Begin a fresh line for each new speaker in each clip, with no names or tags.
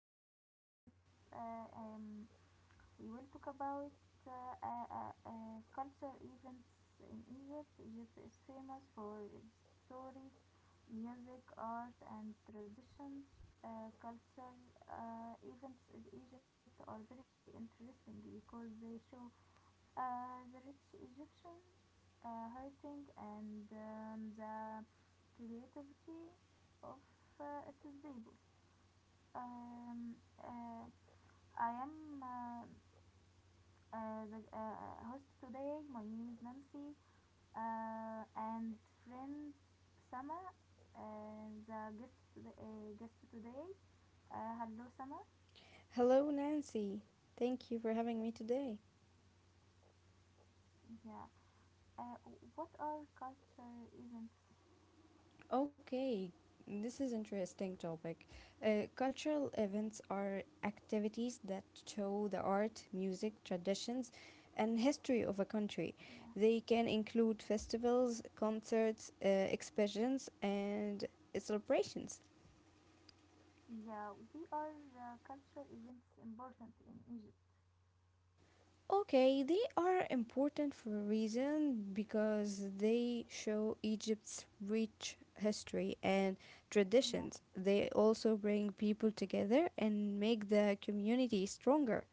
we will talk about uh, um, we will talk about uh, culture events in Egypt. Egypt is famous for its story, music, art, and traditions. Culture events in Egypt are very interesting because they show the rich Egyptian heritage and the creativity of its people. Um, uh, I am. The host today. My name is Nancy and friend Sama. And the guest today, hello Sama.
Hello, Nancy. Thank you for having me today.
Yeah. Uh, what are culture events?
Okay, this is interesting topic. Cultural events are activities that show the art, music, traditions, and history of a country.
Yeah.
They can include festivals, concerts, exhibitions, and celebrations.
Yeah. We are culture events important in Egypt.
Okay, they are important for a reason because they show Egypt's rich history and
Yeah.
traditions. They also bring people together and make the community stronger.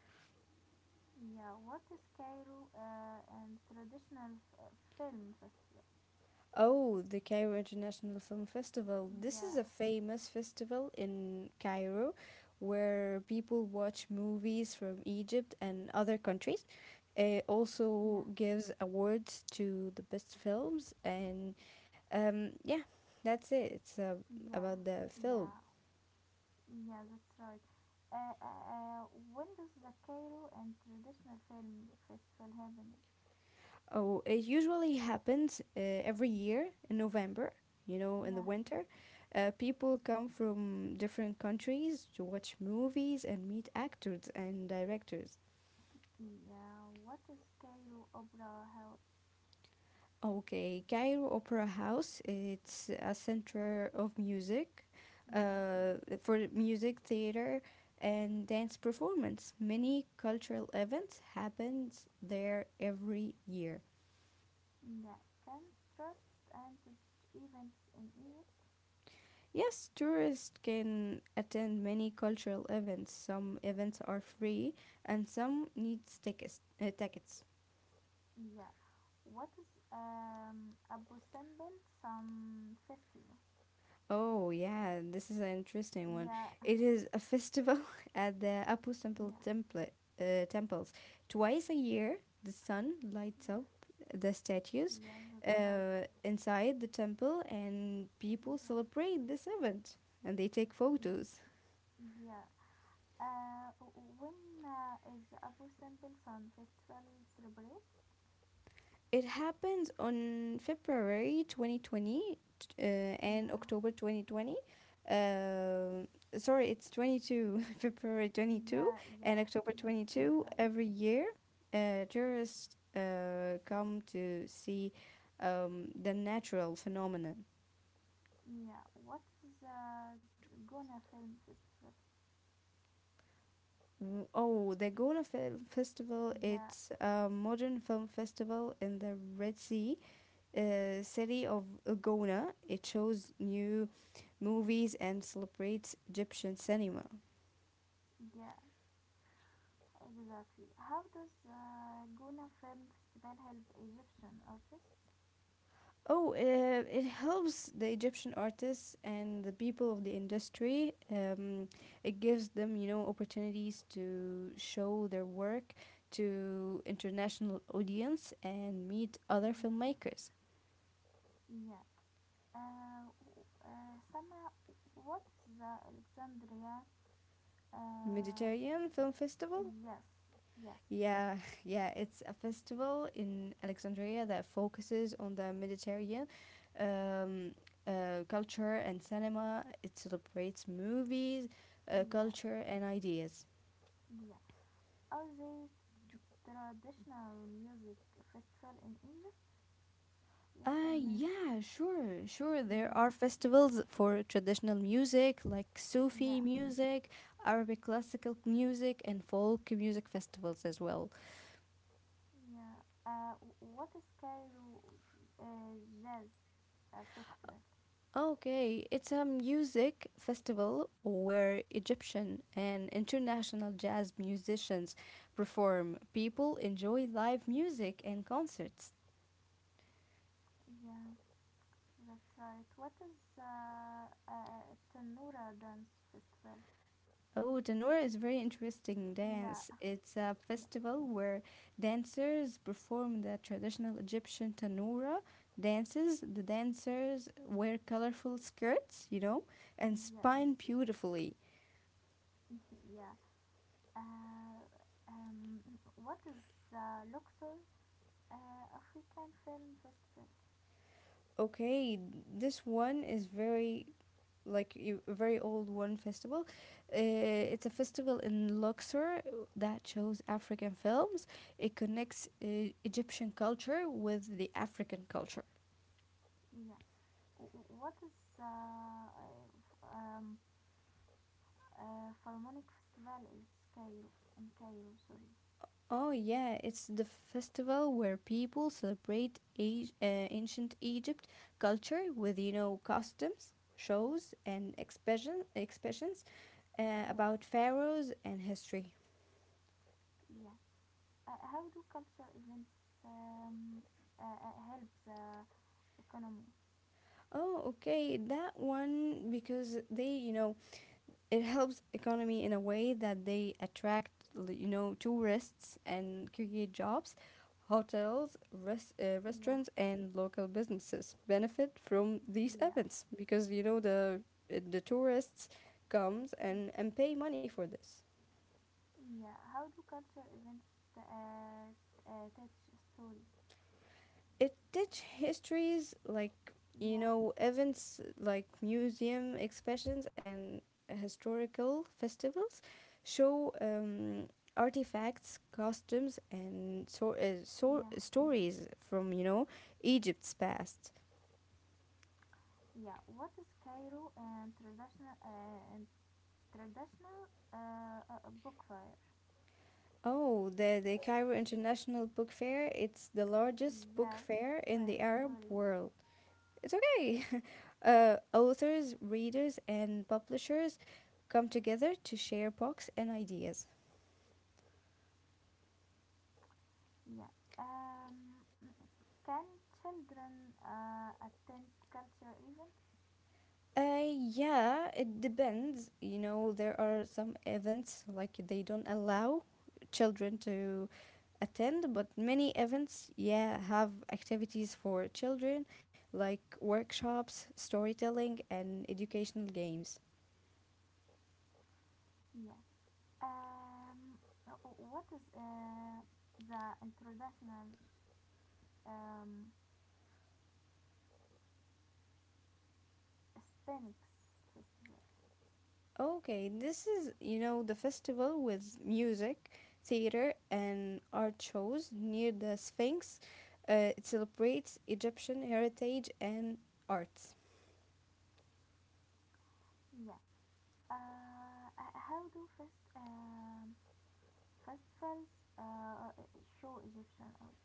Yeah. What is Cairo and traditional film festival?
Oh, the Cairo International Film Festival. This
Yeah.
is a famous festival in Cairo where people watch movies from Egypt and other countries. It also
Yeah.
gives awards to the best films, and yeah, that's it. It's
Yeah.
about the film.
Yeah. Yeah, that's right. Uh, uh, uh, when does the Cairo and Traditional Film Festival happen?
Oh, it usually happens every year in November, in the
Yeah,
winter. People come from different countries to watch movies and meet actors and directors.
yeah. What is Cairo Opera House?
Okay, Cairo Opera House, it's a center of music,
Yeah,
uh, for music, theater, and dance performance. Many cultural events happens there every year.
yeah. Contrasts and events in Egypt?
Yes, tourists can attend many cultural events. Some events are free and some need tickets.
Yeah. What is Abu Simbel Sun Festival?
Oh, yeah, this is an interesting one.
Yeah,
It is a festival at the Apu Temple
yeah,
temple, uh, temples. Twice a year, the sun lights up
yeah.
the statues
Yeah, that's right.
uh, inside the temple, and people
Yeah,
celebrate this event and they take photos.
yeah. Uh, when is Abu Simbel Sun Festival celebrate?
It happens on February 2020 and
Yeah,
October 2020. Um Sorry, it's 22, February 22nd
yeah,
and
yeah, yes,
October
that's
22
right.
every year. Tourists come to see the natural phenomenon.
Yeah, what is Gona Film Festival?
Oh, the Gona Film Festival,
Yeah,
it's a modern film festival in the Red Sea city of Gona. It shows new movies and celebrates Egyptian cinema.
yeah, exactly. How does Gona Film Festival help Egyptian artists?
Oh, it helps the Egyptian artists and the people of the industry. It gives them opportunities to show their work to international audience and meet other
Yeah,
filmmakers.
yeah. Uh, Sama, what is the Alexandria? Um,
Mediterranean Film Festival.
yes, yes,
Yeah, yeah, it's a festival in Alexandria that focuses on the Mediterranean um, culture and cinema. It celebrates movies,
yeah,
culture, and ideas.
yeah. Are there traditional music festival in Egypt? Yes or no?
Yeah, sure, sure, there are
Yeah, yeah,
festivals for traditional music like Sufi
yeah,
music, Arabic classical music, and folk music festivals as well.
yeah. Uh, what is Cairo uh, Jazz Festival?
Okay, it's a music festival where Egyptian and international jazz musicians perform. People enjoy live music and concerts.
Yeah, that's right. What is Tanura Dance Festival?
Oh, Tanur is very interesting
Yeah,
dance. It's a
yeah,
festival where dancers perform the traditional Egyptian tanura dances. The dancers wear colorful skirts and
yes,
spin
yes,
beautifully.
yeah. Uh, um, what is Luxor African Film Festival?
Okay, this one is a very old one festival.
Yes,
It's a festival in Luxor that shows African films. It connects Egyptian culture with the African culture.
yeah. What is um, Philharmonic Festival is Cairo in Cairo. Sorry.
Oh yeah, it's the festival where people celebrate ancient Egypt culture with customs, shows, and expressions
Yes.
about pharaohs and history.
Yeah. How do culture events um, help the economy?
Oh okay, that one because they you know it helps economy in a way that they attract tourists and create jobs, hotels,
Yeah.
restaurants, and local businesses benefit from these
Yeah.
events because the tourists comes and pay money for this.
Yeah. How do culture events t- uh, touch story?
It teach histories like
Yeah.
events like museum exhibitions and historical festivals show artifacts, costumes, and so
Yeah.
stories from Egypt's past.
Yeah. What is Cairo and traditional book fair?
Oh, the Cairo International Book Fair. It's the largest book
Yes.
fair in
I'm
the Arab
sorry.
world. It's okay. Authors, readers, and publishers come together to share books and ideas.
Yeah. Can children attend culture events?
Uh, yeah, it depends. There are some events like they don't allow children to attend, but many events, yeah, have activities for children like workshops, storytelling, and educational games.
Yeah. Um, what is the international um, Hispanics festival?
Okay, this is the festival with music, theater, and art shows near the Sphinx. It celebrates Egyptian heritage and arts.
Yeah. How do festivals uh, show Egyptian art?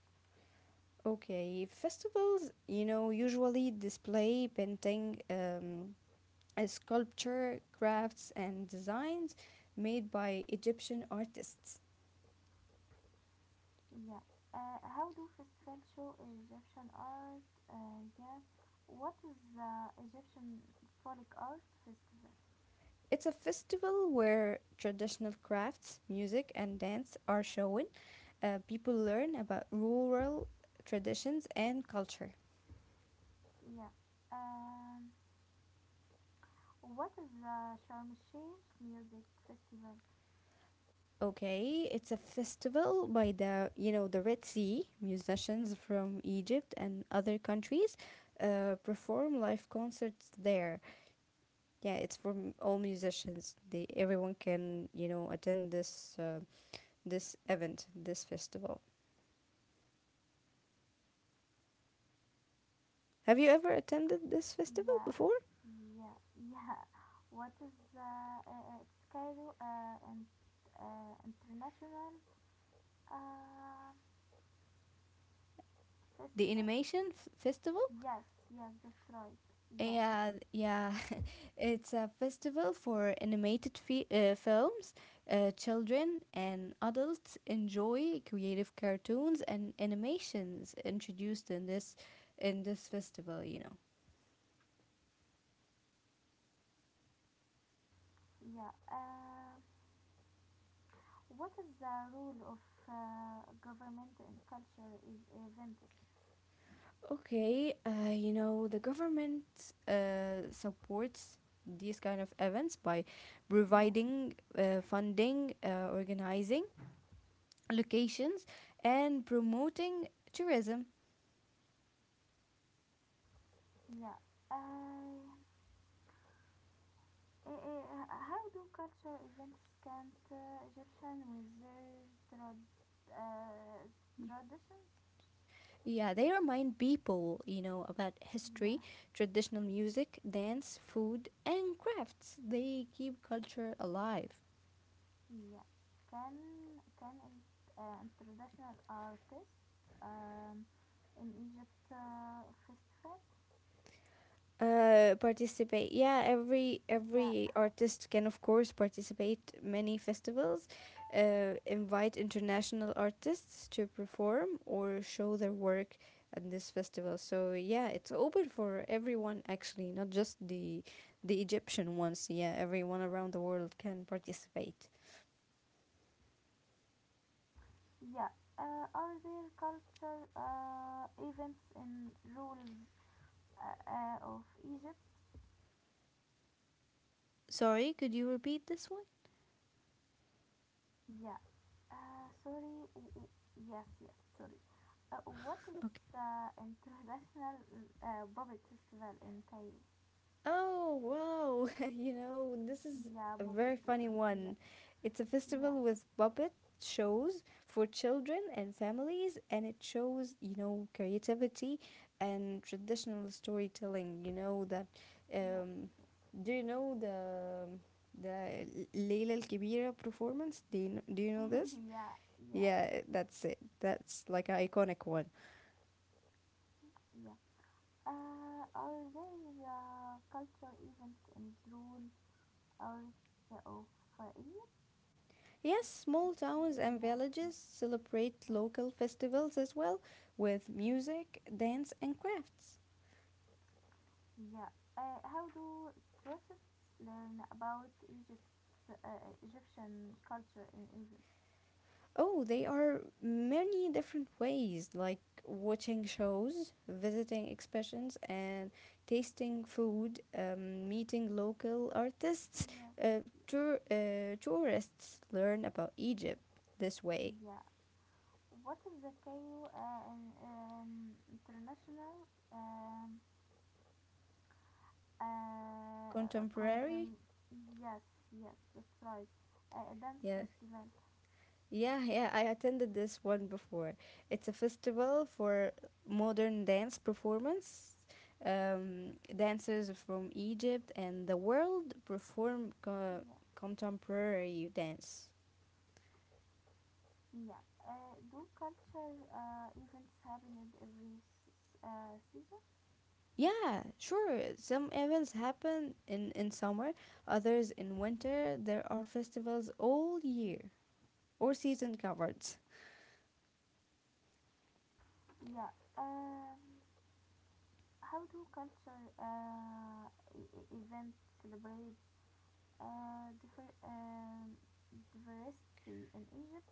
Okay, festivals usually display painting, sculpture, crafts, and designs made by Egyptian artists.
Yeah. How do festivals show Egyptian art? Yeah. What is the Egyptian Folk Art Festival?
It's a festival where traditional crafts, music, and dance are shown. People learn about rural traditions and culture.
Yeah. Um, what is the Sharm el Sheikh Music Festival?
Okay, it's a festival by the Red Sea. Musicians from Egypt and other countries perform live concerts there. Yeah, it's for all musicians. They Everyone can attend this event, this festival. Have you ever attended this festival
Yeah,
before?
yeah, yeah. What is the it's Cairo and International uh,
The
Festival?
animation festival.
Yes, yes, that's right. Yeah,
Yeah, yeah. It's a festival for animated films. Children and adults enjoy creative cartoons and animations introduced in this festival.
yeah. What is the role of government and culture is events?
Okay, the government supports these kind of events by
Yeah,
providing funding, organizing locations, and promoting tourism.
yeah. Uh, how do culture events count Egyptian with their uh, traditions?
Yeah, they remind people about
Yeah,
history, traditional music, dance, food, and crafts. They keep culture alive.
yeah. Can can traditional artists um, in Egypt festival?
Participate, yeah, every
Yeah,
artist can of course participate. Many festivals invite international artists to perform or show their work at this festival, so yeah, it's open for everyone. Actually, not just the Egyptian ones. Yeah, everyone around the world can participate.
yeah. Are there culture events in rules of Egypt?
Sorry, could you repeat this one?
Yeah. Uh, sorry. w- w- Yes, yes, sorry. What is international puppet festival in Cairo?
Oh, wow. This is
Yeah,
a
puppet.
very funny
Yeah,
one. It's a
yeah,
festival with puppet shows for children and families, and it shows creativity and traditional storytelling. You know, that.
yes,
Um,
yes.
do you know the Leila Al Kibira performance? Do you know this?
yeah, yeah,
Yeah, that's it. That's like an iconic one.
yeah. Are there cultural events in June or the of Eid?
Yes, small towns and
Yeah,
villages celebrate local festivals as well with music, dance, and crafts.
yeah. How do tourists learn about Egypt, Egyptian culture in Egypt?
Oh, they are many different ways like watching shows, visiting exhibitions, and tasting food, meeting local artists.
Yes. Yes.
Tourists learn about Egypt this way.
Yeah. What is the KU international
Contemporary,
contem- Yes, yes, that's right. A dance
yeah.
festival.
Yeah, yeah, I attended this one before. It's a festival for modern dance performance. Dancers from Egypt and the world perform
Yes.
contemporary dance.
Yeah. Do culture events happen in every season?
Yeah, sure. Some events happen in summer, others in winter. There are festivals all year or season covered.
Yeah. How do culture events celebrate uh, differ- um diversity in Egypt?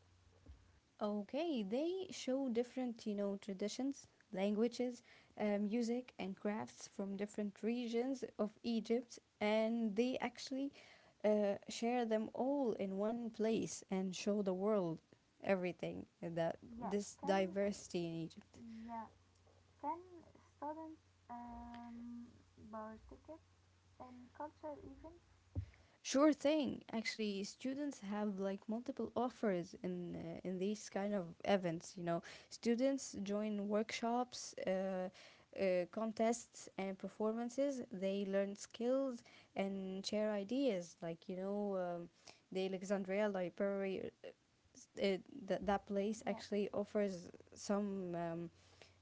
Okay, they show different traditions, languages, music, and crafts from different regions of Egypt, and they actually share them all in one place and show the world everything that
Yeah.
this
Can
diversity in Egypt.
Yeah. Can students um, participate in culture events?
Sure thing. Actually, students have like multiple offers in these kind of events. Students join workshops, contests, and performances. They learn skills and share ideas. The Alexandria Library, that place
Yes.
actually offers some um,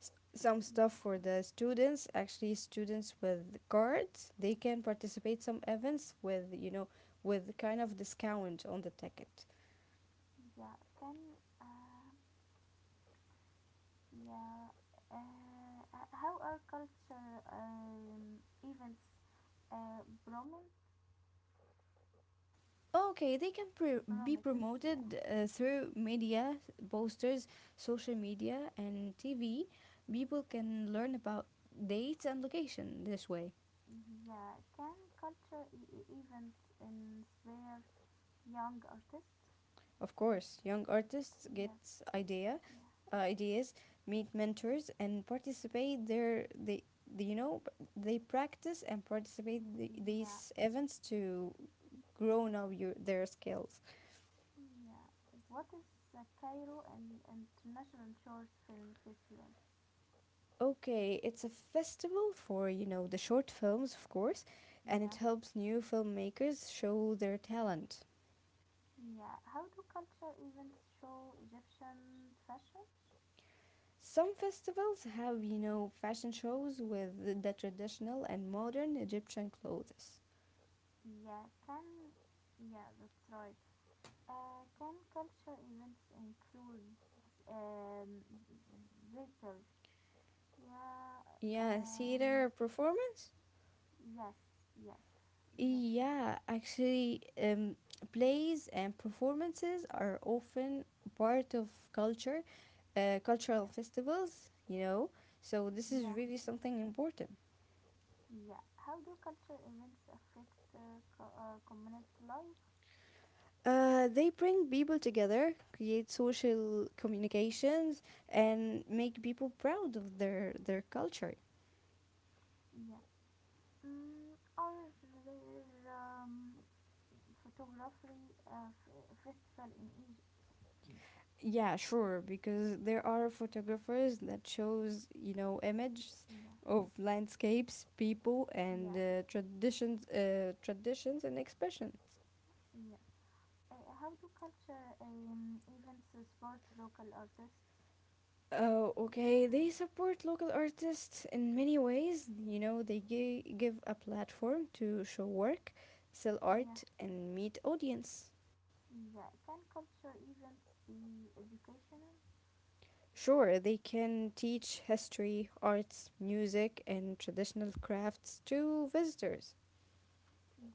some
Yeah.
stuff for the students. Actually, students with cards they can participate some events with you know with kind of discount on the ticket.
Yeah. Can. Uh, yeah. How are culture events uh, promin-
Okay, they can be
promoted? Yeah.
promoted through media, posters, social media, and TV. People can learn about dates and location this way.
Yeah. Can culture events inspire young artists?
Of course, young artists
Yes.
get
Yeah.
idea, ideas, meet mentors, and participate there. They, you know, they practice and participate the,
Yeah. Yeah.
these events to grow now your their skills.
Yeah. What is the Cairo and International Short Film Festival?
Okay, it's a festival for the short films, of course, and it
Yeah.
helps new filmmakers show their talent.
Yeah. How do culture events show Egyptian fashion?
Some festivals have fashion shows with the traditional and modern Egyptian clothes.
Yeah. Can. Yeah, that's right. Can culture events include um, theater? Yeah.
Yeah,
Um.
theater performance?
Yes. Yes. Exactly.
Yeah, actually, plays and performances are often part of cultural
Yes.
festivals, you know, so this is
Yeah.
really
Yeah.
something important.
Yeah. How do culture events affect community life?
They bring people together, create social communications, and make people proud of their culture.
Yeah. Mm, are there photography festival in Egypt?
Yeah, sure, because there are photographers that shows images
Yeah,
of landscapes, people, and
yeah,
traditions and expressions.
yeah. How do culture events support local artists?
Oh, okay.
Yeah,
They support local artists in many ways. They give a platform to show work, sell
yeah,
art, and meet audience.
yeah. Can culture events be educational?
Sure, they can teach history, arts, music, and traditional crafts to visitors.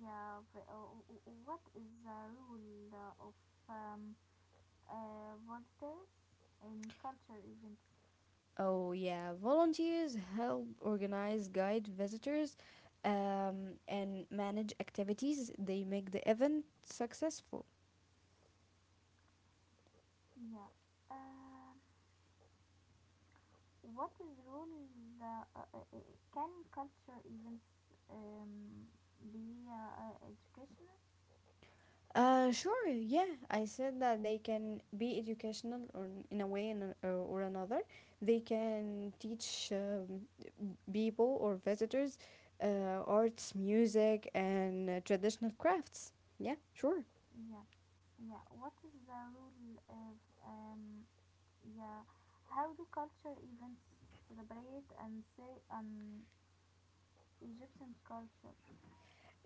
Yeah. What is the role of um, volunteers in culture events?
Oh, yeah. Volunteers help organize, guide visitors, and manage activities. They make the event successful.
Yeah. Uh, what is role uh, uh, uh, uh, can culture events um, be educational
Sure, yeah. I said that they can be educational or n- in a way in an, or another. They can teach people or visitors arts, music, and traditional crafts. Yeah, sure.
yeah yeah what is the role of um, yeah how do culture events celebrate and say an egyptian culture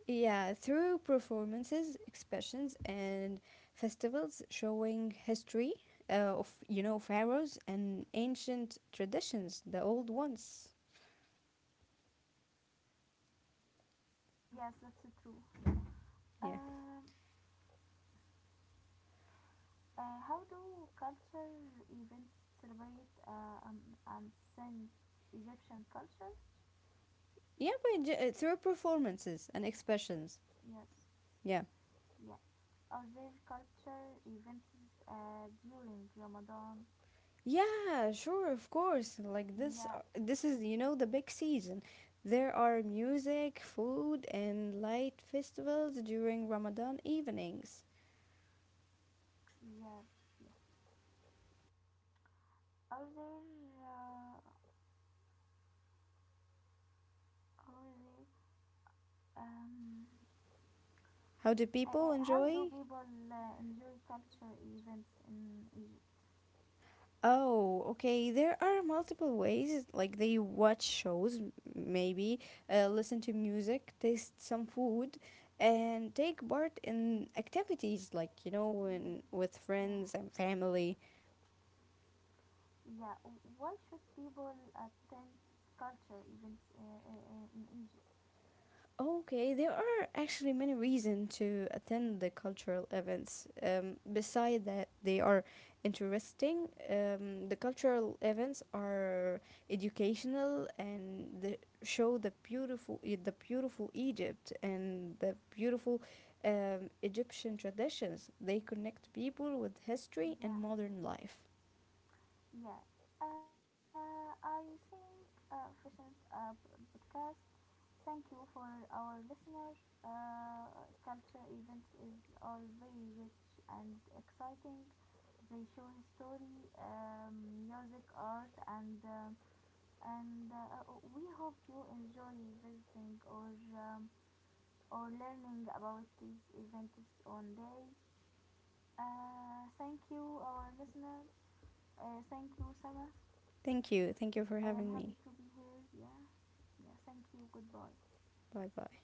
Yeah, through performances, expressions, and festivals showing history of pharaohs and ancient traditions, the old ones.
yes that's true
Yeah,
um, how do culture events celebrate and send egyptian culture
yeah, but through performances and expressions.
yes
Yeah,
yeah are there culture events during Ramadan?
yeah, sure, of course. Like this,
Yeah,
uh, this is the big season. There are music, food, and light festivals during Ramadan evenings.
yes, yes. Are there, uh, are there, um,
How do people
how do
enjoy?
people enjoy culture events in Egypt?
Oh, okay. There are multiple ways. Like they watch shows, maybe listen to music, taste some food, and take part in activities like you know,
Mm,
when with
yeah,
friends and family.
yeah. Why should people attend culture events in Egypt?
Okay, there are actually many reasons to attend the cultural events. Beside that, they are interesting. The cultural events are educational and show the beautiful Egypt and the beautiful Egyptian traditions. They connect people with history and
Yeah.
modern life.
Yeah, I think Fishing Podcast. Thank you for our listeners. Uh, Culture events is are very rich and exciting. They show history, music, art, and and uh, we hope you enjoy visiting or learning about these events on day. Thank you, our listener. Thank you, Summer.
Thank you. Thank you for
I am
having me.
happy to be here. Yeah. Yeah. Thank you. Goodbye.
Bye bye.